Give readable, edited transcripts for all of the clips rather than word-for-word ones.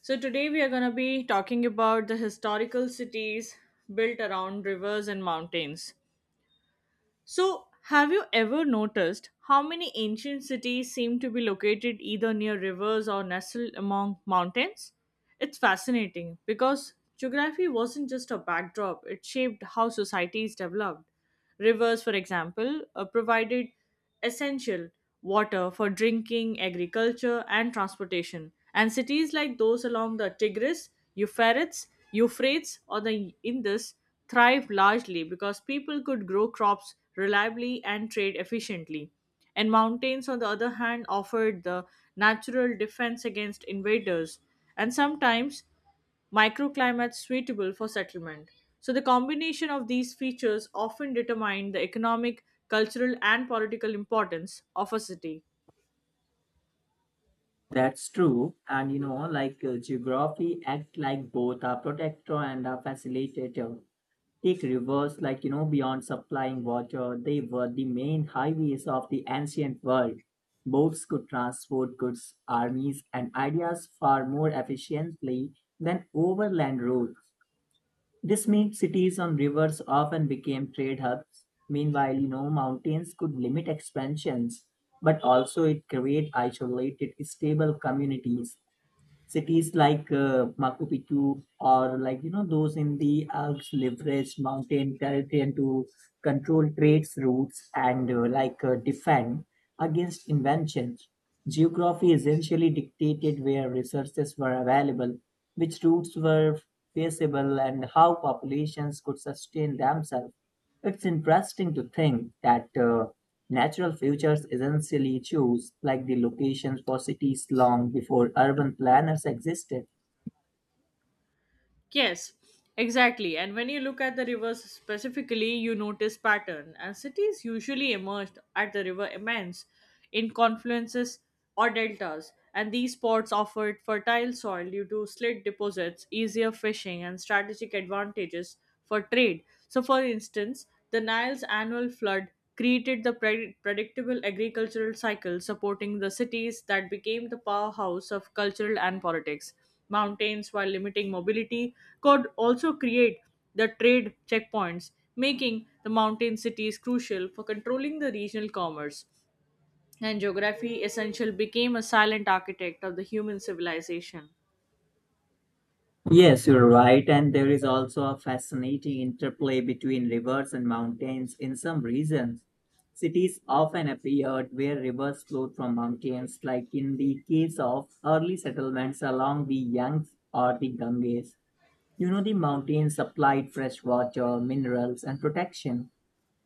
So, today we are going to be talking about the historical cities built around rivers and mountains. So, have you ever noticed how many ancient cities seem to be located either near rivers or nestled among mountains? It's fascinating because geography wasn't just a backdrop, it shaped how societies developed. Rivers, for example, provided essential water for drinking, agriculture, and transportation. And cities like those along the Tigris, Euphrates, or the Indus thrived largely because people could grow crops reliably and trade efficiently. And mountains, on the other hand, offered the natural defense against invaders. And sometimes microclimates suitable for settlement. So, the combination of these features often determine the economic, cultural, and political importance of a city. That's true. And geography act like both a protector and a facilitator. Take rivers, beyond supplying water, they were the main highways of the ancient world. Boats could transport goods, armies, and ideas far more efficiently than overland roads. This meant cities on rivers often became trade hubs. Meanwhile, mountains could limit expansions, but also it create isolated, stable communities cities Machu Picchu or those in the Alps leveraged mountain territory to control trade routes and defend against inventions. Geography essentially dictated where resources were available, which routes were feasible, and how populations could sustain themselves. It's interesting to think that natural features essentially choose like the locations for cities long before urban planners existed. Yes, exactly. And when you look at the rivers specifically, you notice pattern. And cities usually emerged at the river immense in confluences or deltas. And these spots offered fertile soil due to slit deposits, easier fishing, and strategic advantages for trade. So, for instance, the Nile's annual flood created the predictable agricultural cycle supporting the cities that became the powerhouse of cultural and politics mountains while limiting mobility could also create the trade checkpoints, making the mountain cities crucial for controlling the regional commerce. And geography essential became a silent architect of the human civilization. Yes, you're right, and there is also a fascinating interplay between rivers and mountains in some regions. Cities often appeared where rivers flowed from mountains, like in the case of early settlements along the Yangtze or the Ganges. You know, the mountains supplied fresh water, minerals, and protection,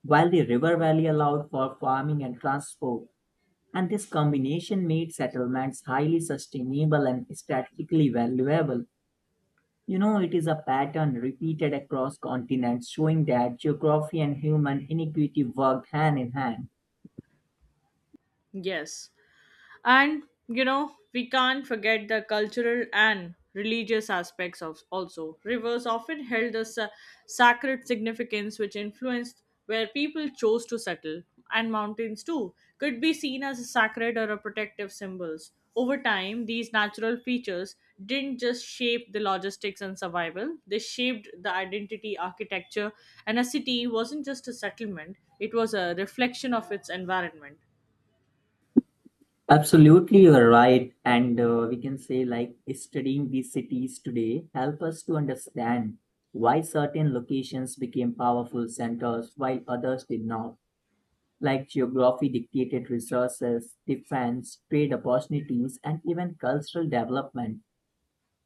while the river valley allowed for farming and transport. And this combination made settlements highly sustainable and strategically valuable. You know, it is a pattern repeated across continents showing that geography and human inequity worked hand in hand. Yes, and you know we can't forget the cultural and religious aspects of also rivers often held a sacred significance, which influenced where people chose to settle, and mountains too could be seen as a sacred or a protective symbols. Over time, these natural features didn't just shape the logistics and survival, they shaped the identity architecture, and a city wasn't just a settlement, it was a reflection of its environment. Absolutely, you're right. And we can say, like, studying these cities today help us to understand why certain locations became powerful centers while others did not. Like geography dictated resources, defense, trade opportunities, and even cultural development.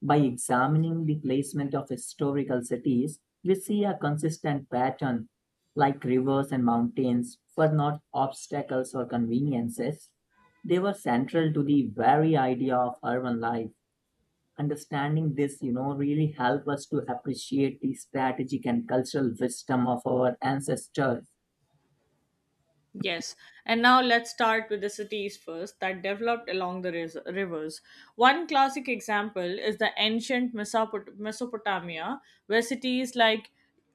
By examining the placement of historical cities, we see a consistent pattern, like rivers and mountains were not obstacles or conveniences. They were central to the very idea of urban life. Understanding this, you know, really help us to appreciate the strategic and cultural wisdom of our ancestors. Yes, and now let's start with the cities first that developed along the rivers. One classic example is the ancient Mesopotamia, where cities like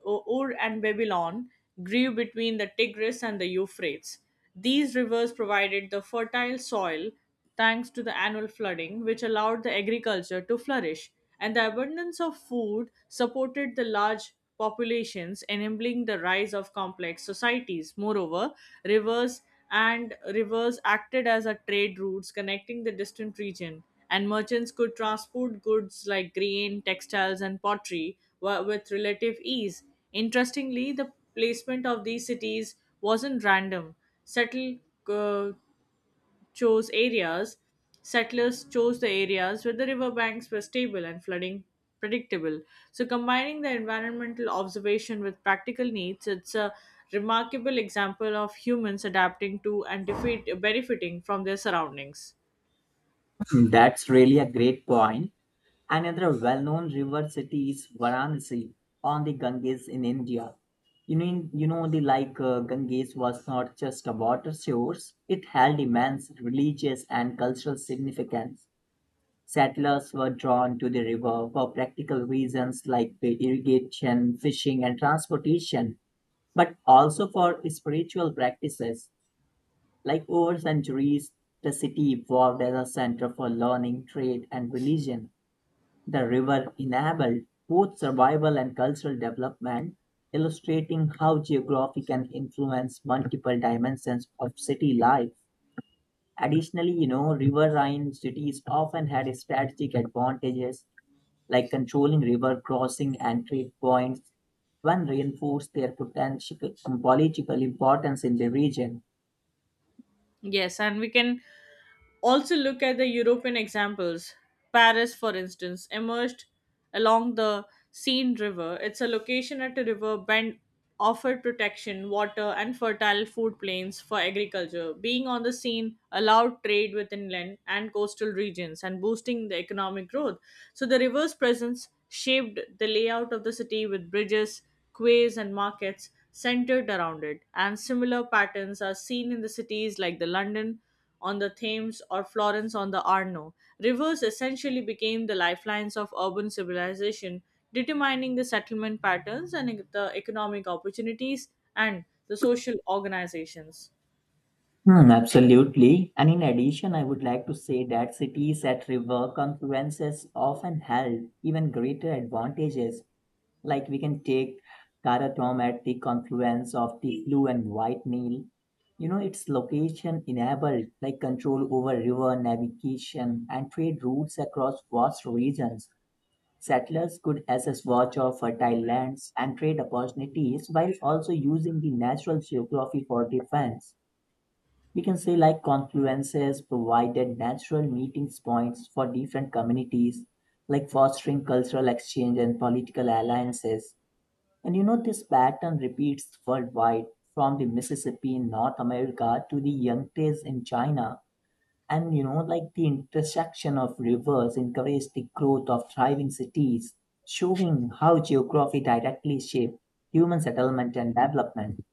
Ur and Babylon grew between the Tigris and the Euphrates. These rivers provided the fertile soil thanks to the annual flooding, which allowed the agriculture to flourish. And the abundance of food supported the large populations, enabling the rise of complex societies. Moreover, rivers rivers acted as a trade routes connecting the distant region, and merchants could transport goods like grain, textiles, and pottery with relative ease. Interestingly, the placement of these cities wasn't random. Settle, uh, chose areas, Settlers chose the areas where the riverbanks were stable and flooding predictable. So, combining the environmental observation with practical needs, it's a remarkable example of humans adapting to and benefiting from their surroundings. Hmm, that's really a great point. Another well known river city is Varanasi on the Ganges in India. You know the like Ganges was not just a water source, it held immense religious and cultural significance. Settlers were drawn to the river for practical reasons like the irrigation, fishing, and transportation, but also for spiritual practices. Like over centuries, the city evolved as a center for learning, trade, and religion. The river enabled both survival and cultural development, illustrating how geography can influence multiple dimensions of city life. Additionally, you know, riverine cities often had strategic advantages like controlling river crossing and trade points, one reinforced their potential political importance in the region. Yes, and we can also look at the European examples. Paris, for instance, emerged along the Seine River. It's a location at a river bend offered protection, water, and fertile food plains for agriculture. Being on the Seine allowed trade with inland and coastal regions and boosting the economic growth. So the river's presence shaped the layout of the city with bridges, quays, and markets centered around it, and similar patterns are seen in the cities like the London on the Thames or Florence on the Arno. Rivers essentially became the lifelines of urban civilization, determining the settlement patterns and the economic opportunities and the social organizations. Hmm, absolutely. And in addition, I would like to say that cities at river confluences often held even greater advantages. Like we can take Karatom at the confluence of the Blue and White Nile. You know, its location enabled like control over river navigation and trade routes across vast regions. Settlers could access watch of fertile lands and trade opportunities while also using the natural geography for defense. We can say like confluences provided natural meeting points for different communities, like fostering cultural exchange and political alliances. And you know, this pattern repeats worldwide from the Mississippi in North America to the Yangtze in China. And you know, like the intersection of rivers encouraged the growth of thriving cities, showing how geography directly shaped human settlement and development.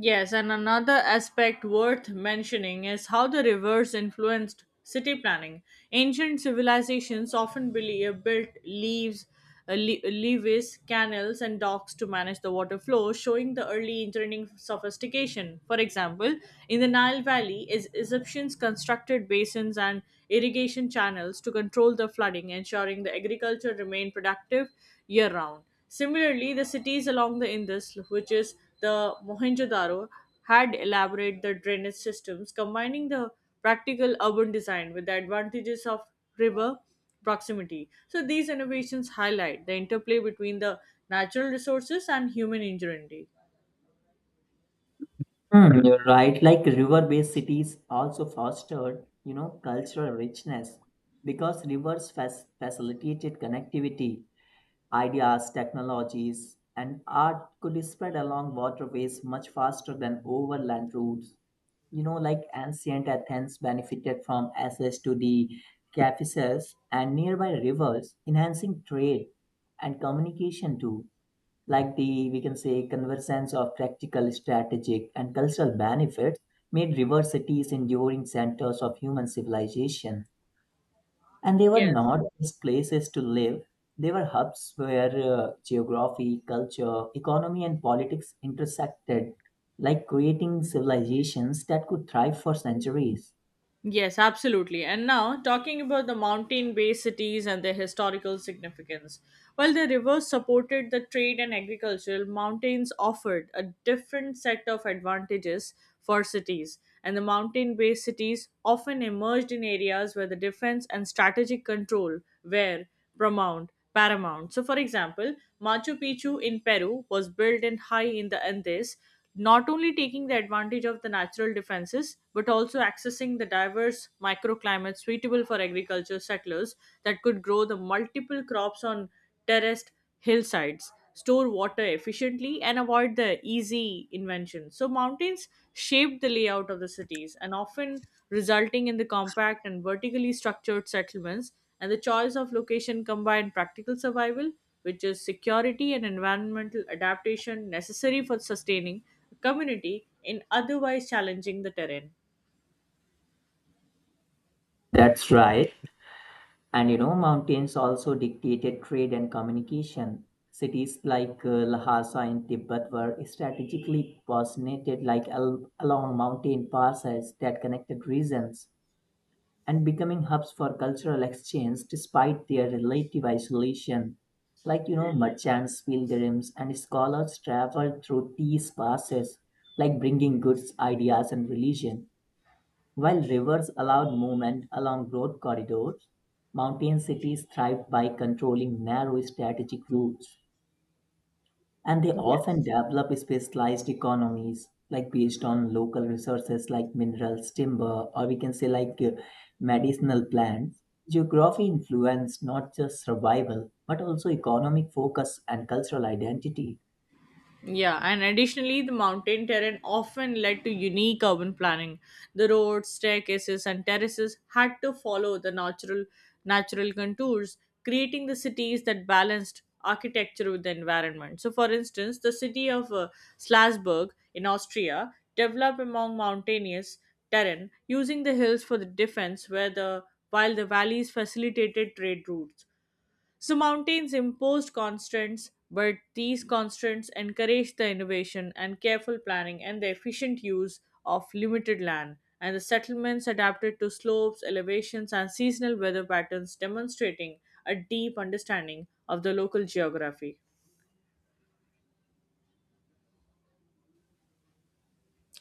Yes, and another aspect worth mentioning is how the rivers influenced city planning. Ancient civilizations often built leaves, levees, canals, and docks to manage the water flow, showing the early engineering sophistication. For example, in the Nile Valley, is Egyptians constructed basins and irrigation channels to control the flooding, ensuring the agriculture remained productive year round. Similarly, the cities along the Indus, which is the Mohenjo-daro, had elaborate the drainage systems, combining the practical urban design with the advantages of river proximity. So these innovations highlight the interplay between the natural resources and human ingenuity. Hmm, you're right. Like river-based cities also fostered, you know, cultural richness because rivers facilitated connectivity, ideas, technologies, and art could be spread along waterways much faster than overland routes. You know, like ancient Athens benefited from access to the Caucasus and nearby rivers, enhancing trade and communication too, like the we can say convergence of practical strategic and cultural benefits made river cities enduring centers of human civilization, and they were Yes. not just places to live, they were hubs where geography culture economy and politics intersected, like creating civilizations that could thrive for centuries. Yes, absolutely. And now, talking about the mountain based cities and their historical significance. While the rivers supported the trade and agriculture, mountains offered a different set of advantages for cities. And the mountain based cities often emerged in areas where the defense and strategic control were Paramount. So, for example, Machu Picchu in Peru was built in high in the Andes, not only taking the advantage of the natural defenses, but also accessing the diverse microclimates suitable for agriculture settlers that could grow the multiple crops on terraced hillsides, store water efficiently, and avoid the easy invention. So mountains shaped the layout of the cities and often resulting in the compact and vertically structured settlements, and the choice of location combined practical survival, which is security and environmental adaptation necessary for sustaining a community in otherwise challenging the terrain. That's right. And you know, mountains also dictated trade and communication. Cities Lhasa in Tibet were strategically positioned like along mountain passes that connected regions and becoming hubs for cultural exchange despite their relative isolation. Like, you know, merchants, pilgrims, and scholars traveled through these passes, like bringing goods, ideas, and religion. While rivers allowed movement along road corridors, mountain cities thrived by controlling narrow strategic routes, and they often Yes. developed specialized economies, like based on local resources like minerals, timber, or we can say medicinal plants. Geography influenced not just survival, but also economic focus and cultural identity. Yeah, and additionally, the mountain terrain often led to unique urban planning. The roads, staircases, and terraces had to follow the natural contours, creating the cities that balanced architecture with the environment. So, for instance, the city of Salzburg in Austria developed among mountainous terrain, using the hills for the defense, where the while the valleys facilitated trade routes. So mountains imposed constraints, but these constraints encouraged the innovation and careful planning and the efficient use of limited land. And the settlements adapted to slopes, elevations, and seasonal weather patterns, demonstrating a deep understanding of the local geography.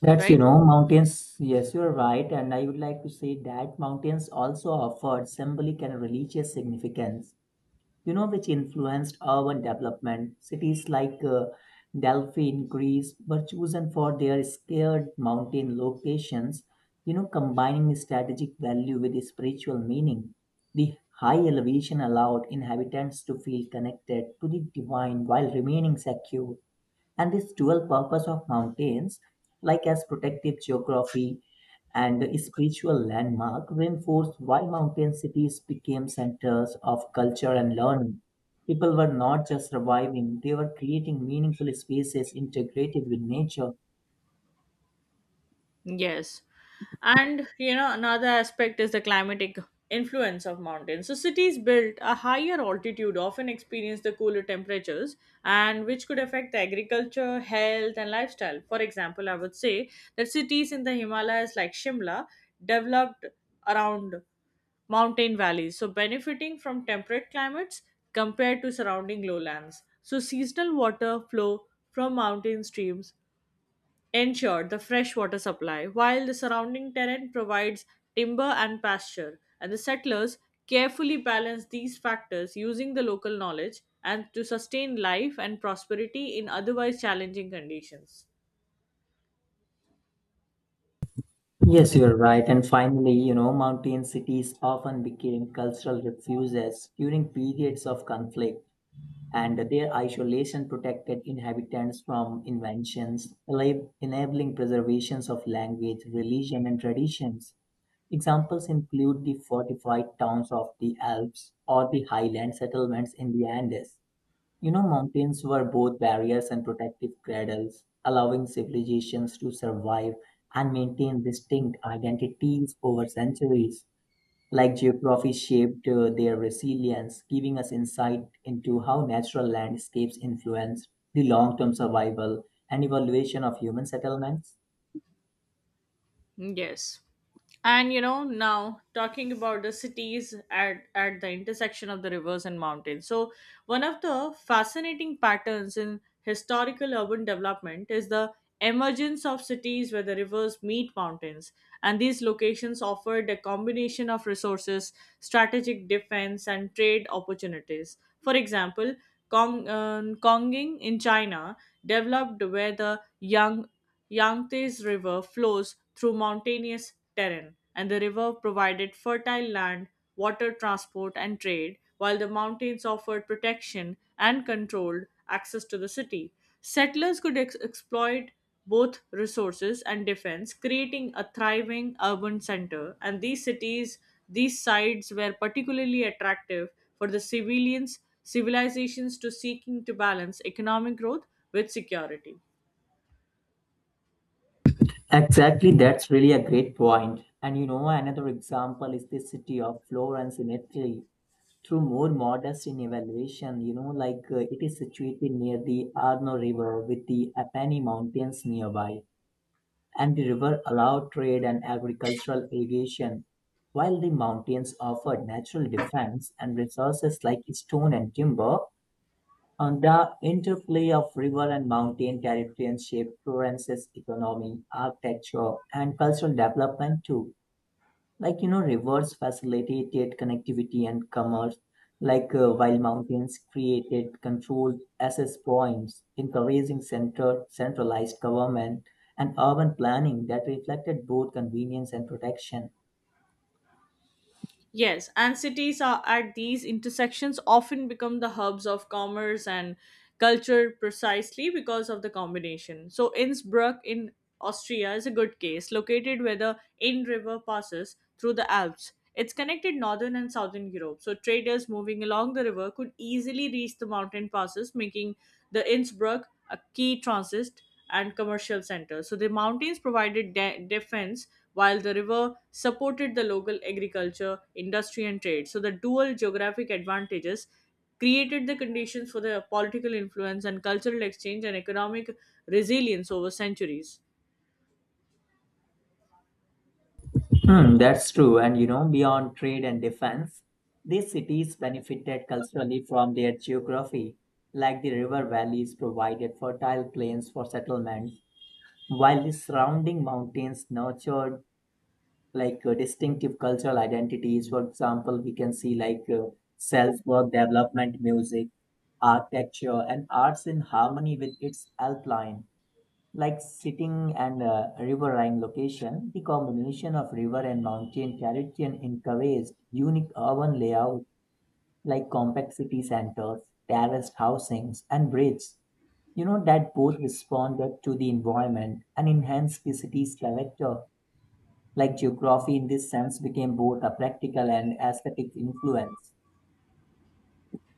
That's, you Right? know, mountains. Yes, you're right. And I would like to say that mountains also offered symbolic and religious significance, you know, which influenced urban development. Cities Delphi in Greece were chosen for their scarred mountain locations, you know, combining strategic value with spiritual meaning. The high elevation allowed inhabitants to feel connected to the divine while remaining secure, and this dual purpose of mountains, like as protective geography and a spiritual landmark, reinforced why mountain cities became centers of culture and learning. People were not just surviving, they were creating meaningful spaces integrated with nature. Yes. And you know, another aspect is the climatic influence of mountains. So cities built a higher altitude often experience the cooler temperatures and which could affect the agriculture, health and lifestyle. For example, I would say that cities in the Himalayas like Shimla developed around mountain valleys, so benefiting from temperate climates compared to surrounding lowlands. So seasonal water flow from mountain streams ensured the fresh water supply, while the surrounding terrain provides timber and pasture. And the settlers carefully balanced these factors using the local knowledge and to sustain life and prosperity in otherwise challenging conditions. Yes, you are right. And finally, you know, mountain cities often became cultural refuges during periods of conflict. And their isolation protected inhabitants from inventions, enabling preservations of language, religion, and traditions. Examples include the fortified towns of the Alps or the highland settlements in the Andes. You know, mountains were both barriers and protective cradles, allowing civilizations to survive and maintain distinct identities over centuries. Like geography shaped their resilience, giving us insight into how natural landscapes influence the long term survival and evaluation of human settlements. Yes. And you know, now talking about the cities at the intersection of the rivers and mountains. So, one of the fascinating patterns in historical urban development is the emergence of cities where the rivers meet mountains. And these locations offered a combination of resources, strategic defense, and trade opportunities. For example, Konging in China developed where the Yangtze River flows through mountainous terrain, and the river provided fertile land, water transport, and trade, while the mountains offered protection and controlled access to the city. Settlers could exploit both resources and defense, creating a thriving urban center. And these sites were particularly attractive for the civilizations to seeking to balance economic growth with security. Exactly, that's really a great point. And you know, another example is the city of Florence in Italy. Through more modest in evaluation, you know, it is situated near the Arno River with the Apennine Mountains nearby. And the river allowed trade and agricultural irrigation, while the mountains offered natural defense and resources like stone and timber. And the interplay of river and mountain territories shaped Florence's economy, architecture, and cultural development too, like you know rivers facilitated connectivity and commerce, while mountains created controlled access points encouraging center centralized government and urban planning that reflected both convenience and protection. Yes, and cities are at these intersections often become the hubs of commerce and culture precisely because of the combination. So, Innsbruck in Austria is a good case, located where the Inn River passes through the Alps. It's connected northern and southern Europe, so traders moving along the river could easily reach the mountain passes, making the Innsbruck a key transit and commercial centers. So the mountains provided defense while the river supported the local agriculture, industry, and trade. So the dual geographic advantages created the conditions for the political influence and cultural exchange and economic resilience over centuries. Hmm, that's true. And you know, beyond trade and defense, these cities benefited culturally from their geography, like the river valleys provided fertile plains for settlements, while the surrounding mountains nurtured distinctive cultural identities. For example, we can see self-work development music, architecture, and arts in harmony with its alpine, like sitting and riverine location. The combination of river and mountain terrain encouraged unique urban layout like compact city centers, terraced housings, and bridges, you know, that both responded to the environment and enhanced the city's character, like geography in this sense became both a practical and aesthetic influence.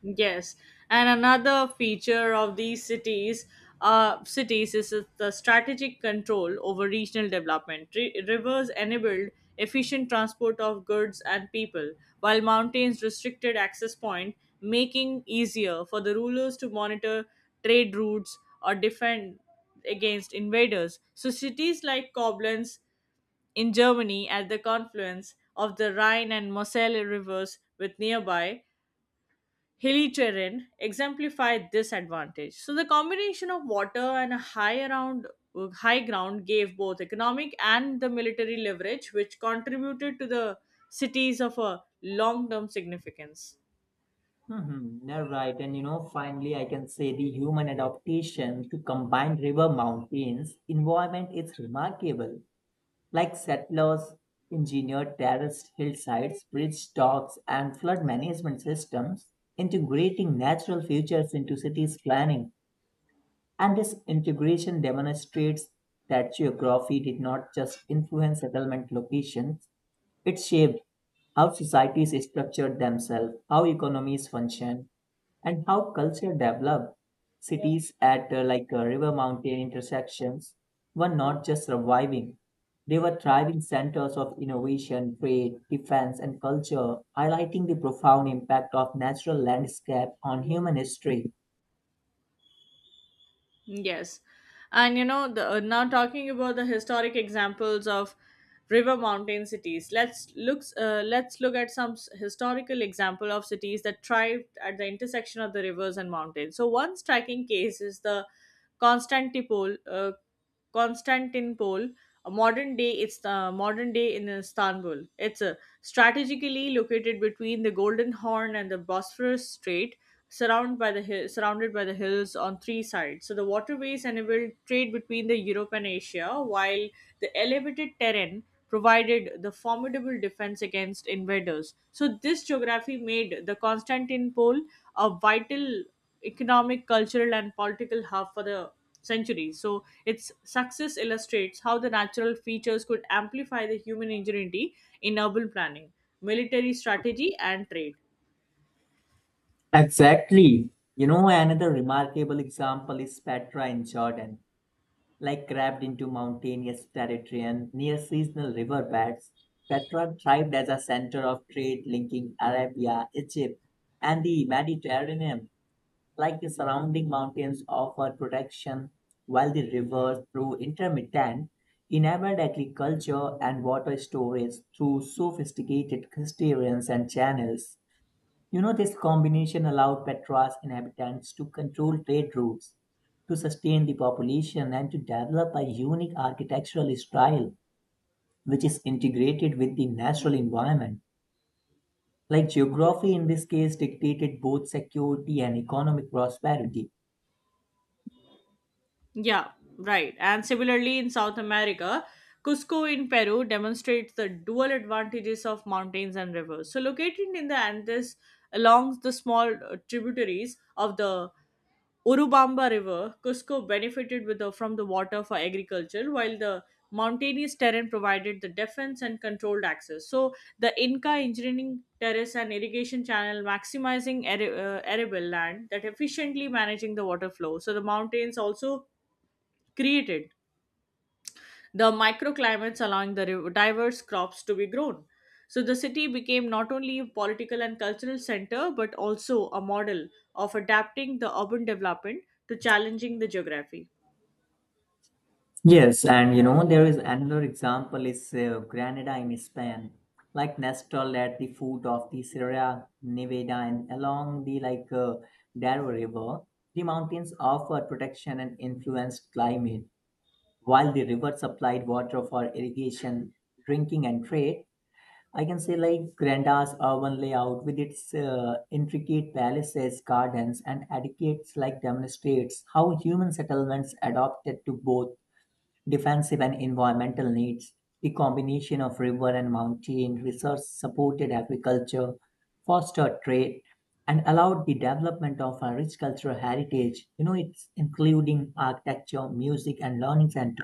Yes, and another feature of these cities is the strategic control over regional development. Rivers enabled efficient transport of goods and people, while mountains restricted access point, making easier for the rulers to monitor trade routes or defend against invaders. So cities like Koblenz in Germany at the confluence of the Rhine and Moselle rivers with nearby hilly terrain exemplify this advantage. So the combination of water and a high around high ground gave both economic and the military leverage, which contributed to the cities of a long-term significance. Mm-hmm, you're right. And you know, finally, I can say the human adaptation to combine river mountains environment is remarkable. Like settlers engineered terraced hillsides, bridge docks, and flood management systems, integrating natural features into cities planning. And this integration demonstrates that geography did not just influence settlement locations, it shaped how societies structured themselves, how economies function, and how culture developed. Cities at river mountain intersections were not just surviving, they were thriving centers of innovation, trade, defense, and culture, highlighting the profound impact of natural landscape on human history. Yes. And you know, now talking about the historic examples of river mountain cities, let's look at some historical example of cities that thrived at the intersection of the rivers and mountains. So one striking case is the Constantinople, uh, Constantinople, a modern day in Istanbul. It's strategically located between the Golden Horn and the Bosphorus Strait, surrounded by the hills on three sides. So the waterways enabled trade between the Europe and Asia, while the elevated terrain provided the formidable defense against invaders. So this geography made the Constantinople a vital economic, cultural, and political hub for the centuries. So its success illustrates how the natural features could amplify the human ingenuity in urban planning, military strategy, and trade. Exactly. You know, another remarkable example is Petra in Jordan. Like crabbed into mountainous territory and near seasonal riverbeds, Petra thrived as a center of trade linking Arabia, Egypt, and the Mediterranean. Like the surrounding mountains offered protection, while the rivers, through intermittent, enabled agriculture and water storage through sophisticated cisterns and channels. You know, this combination allowed Petra's inhabitants to control trade routes, to sustain the population, and to develop a unique architectural style which is integrated with the natural environment. Like geography, Yes. in this case, dictated both security and economic prosperity. Yeah, right. And similarly, in South America, Cusco in Peru demonstrates the dual advantages of mountains and rivers. So, located in the Andes along the small tributaries of the Urubamba River, Cusco benefited from the water for agriculture, while the mountainous terrain provided the defense and controlled access. So, the Inca engineering terrace and irrigation channel maximizing arable land that efficiently managing the water flow. So, the mountains also created the microclimates allowing the diverse crops to be grown. So the city became not only a political and cultural center but also a model of adapting the urban development to challenging the geography. Yes, and you know, there is another example is Granada in Spain, like Nestle at the foot of the Sierra Nevada and along the Darro River, the mountains offered protection and influenced climate, while the river supplied water for irrigation, drinking, and trade. I can say like Granada's urban layout with its intricate palaces, gardens, and etiquettes like demonstrates how human settlements adopted to both defensive and environmental needs, the combination of river and mountain research supported agriculture, fostered trade, and allowed the development of a rich cultural heritage. You know, it's including architecture, music, and learning center.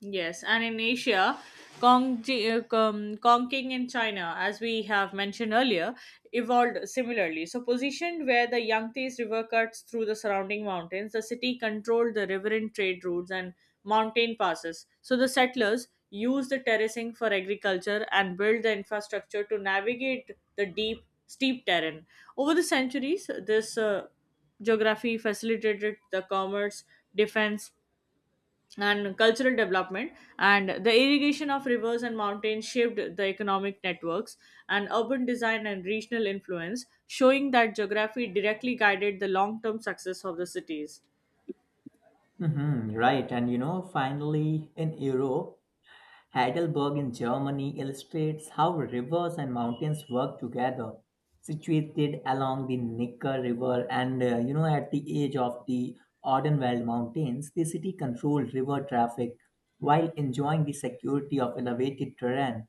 Yes, and in Asia, Kong, uh, um, Kong Kongqing in China, as we have mentioned earlier, evolved similarly. So, positioned where the Yangtze River cuts through the surrounding mountains, the city controlled the riverine trade routes and mountain passes. So, the settlers used the terracing for agriculture and built the infrastructure to navigate the deep, steep terrain. Over the centuries, this geography facilitated the commerce, defense, and cultural development, and the irrigation of rivers and mountains shaped the economic networks and urban design and regional influence, showing that geography directly guided the long-term success of the cities. Hmm, right. And you know, finally, in Europe, Heidelberg in Germany illustrates how rivers and mountains work together. Situated along the Neckar River and you know at the edge of the Odenwald Mountains, the city controlled river traffic while enjoying the security of elevated terrain,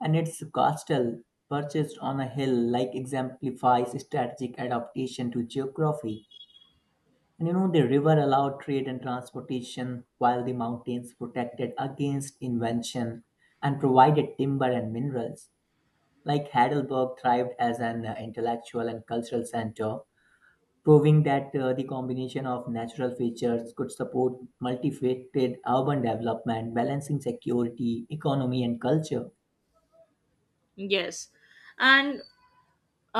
and its castle perched on a hill like exemplifies strategic adaptation to geography. And you know, the river allowed trade and transportation, while the mountains protected against invention and provided timber and minerals. Like Heidelberg thrived as an intellectual and cultural center, proving that the combination of natural features could support multifaceted urban development, balancing security, economy, and culture. Yes. And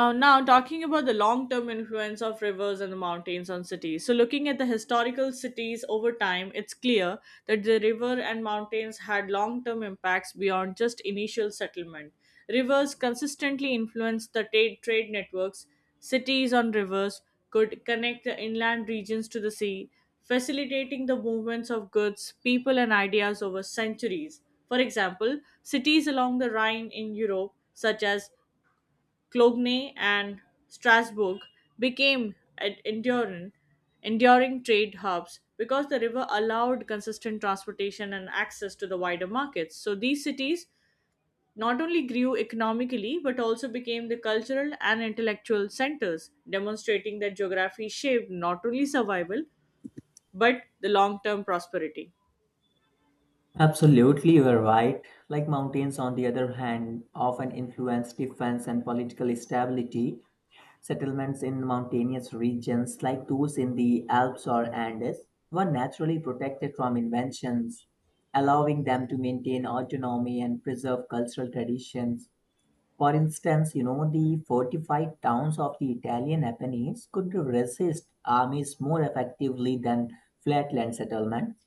now, talking about the long term influence of rivers and the mountains on cities. So, looking at the historical cities over time, it's clear that the river and mountains had long term impacts beyond just initial settlement. Rivers consistently influenced the trade networks. Cities on rivers could connect the inland regions to the sea, facilitating the movements of goods, people, and ideas over centuries. For example, cities along the Rhine in Europe, such as Clognay and Strasbourg became enduring trade hubs because the river allowed consistent transportation and access to the wider markets. So these cities not only grew economically but also became the cultural and intellectual centers, demonstrating that geography shaped not only survival but the long term prosperity. Absolutely, you are right. Like mountains, on the other hand, often influence defense and political stability. Settlements in mountainous regions like those in the Alps or Andes were naturally protected from inventions, allowing them to maintain autonomy and preserve cultural traditions. For instance, you know, the fortified towns of the Italian Apennines could resist armies more effectively than flatland settlements,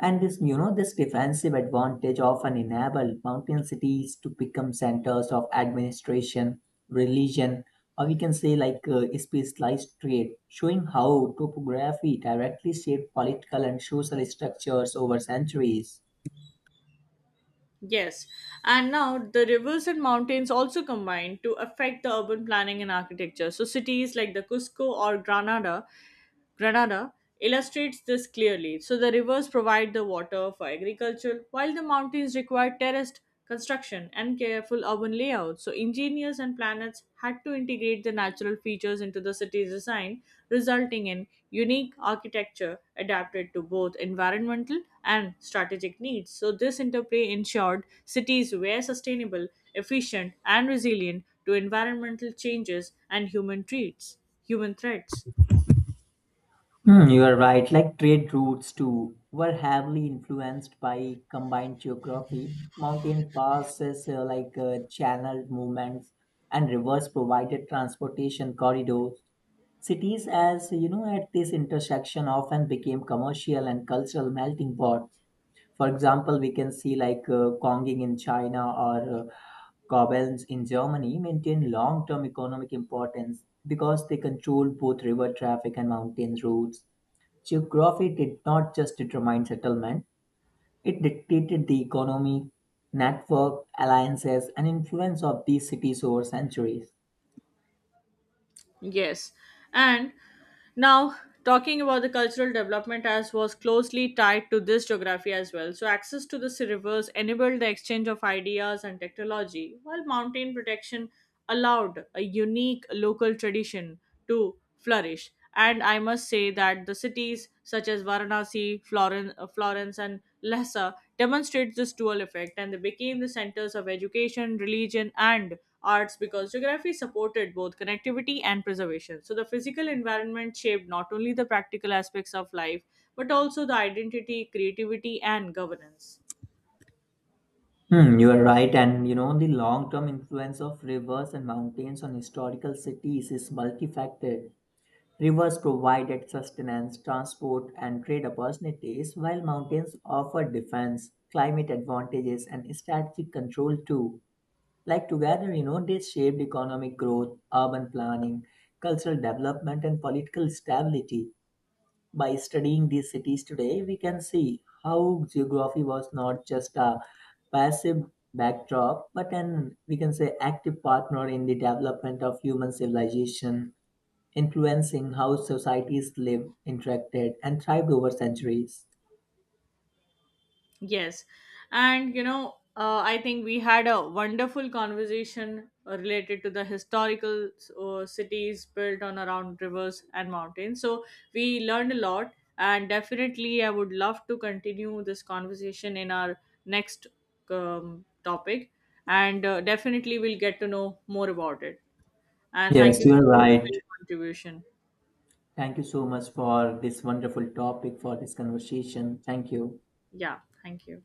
and this, you know, this defensive advantage often enabled mountain cities to become centers of administration, religion, or we can say specialized trade, showing how topography directly shaped political and social structures over centuries. Yes, and now the rivers and mountains also combine to affect the urban planning and architecture. So, cities like the Cusco or Granada illustrates this clearly. So the rivers provide the water for agriculture, while the mountains require terraced construction and careful urban layout. So engineers and planners had to integrate the natural features into the city's design, resulting in unique architecture adapted to both environmental and strategic needs. So this interplay ensured cities were sustainable, efficient, and resilient to environmental changes and human threats. Hmm, you are right. Like trade routes too were heavily influenced by combined geography. Mountain passes channeled movements and rivers provided transportation corridors. Cities, as you know, at this intersection often became commercial and cultural melting pots. For example, we can see Konging in China or Caverns in Germany maintain long-term economic importance because they control both river traffic and mountain routes. Geography did not just determine settlement, it dictated the economy, network, alliances, and influence of these cities over centuries. Yes. And now, talking about the cultural development as was closely tied to this geography as well. So, access to the rivers enabled the exchange of ideas and technology, while mountain protection allowed a unique local tradition to flourish. And I must say that the cities such as Varanasi, Florence and Lhasa demonstrate this dual effect, and they became the centers of education, religion, and arts because geography supported both connectivity and preservation. So the physical environment shaped not only the practical aspects of life but also the identity, creativity, and governance. Hmm, you are right, and you know the long-term influence of rivers and mountains on historical cities is multifaceted. Rivers provided sustenance, transport, and trade opportunities, while mountains offered defense, climate advantages, and strategic control too. Like together, you know, they shaped economic growth, urban planning, cultural development, and political stability. By studying these cities today, we can see how geography was not just a passive backdrop, but an we can say active partner in the development of human civilization influencing how societies lived, interacted, and thrived over centuries. Yes. And, you know, I think we had a wonderful conversation related to the historical cities built on around rivers and mountains. So we learned a lot, and definitely I would love to continue this conversation in our next topic. And definitely we'll get to know more about it. And thank Yes, you you are so much right. for your contribution. Thank you so much for this wonderful topic, for this conversation. Thank you. Yeah, thank you.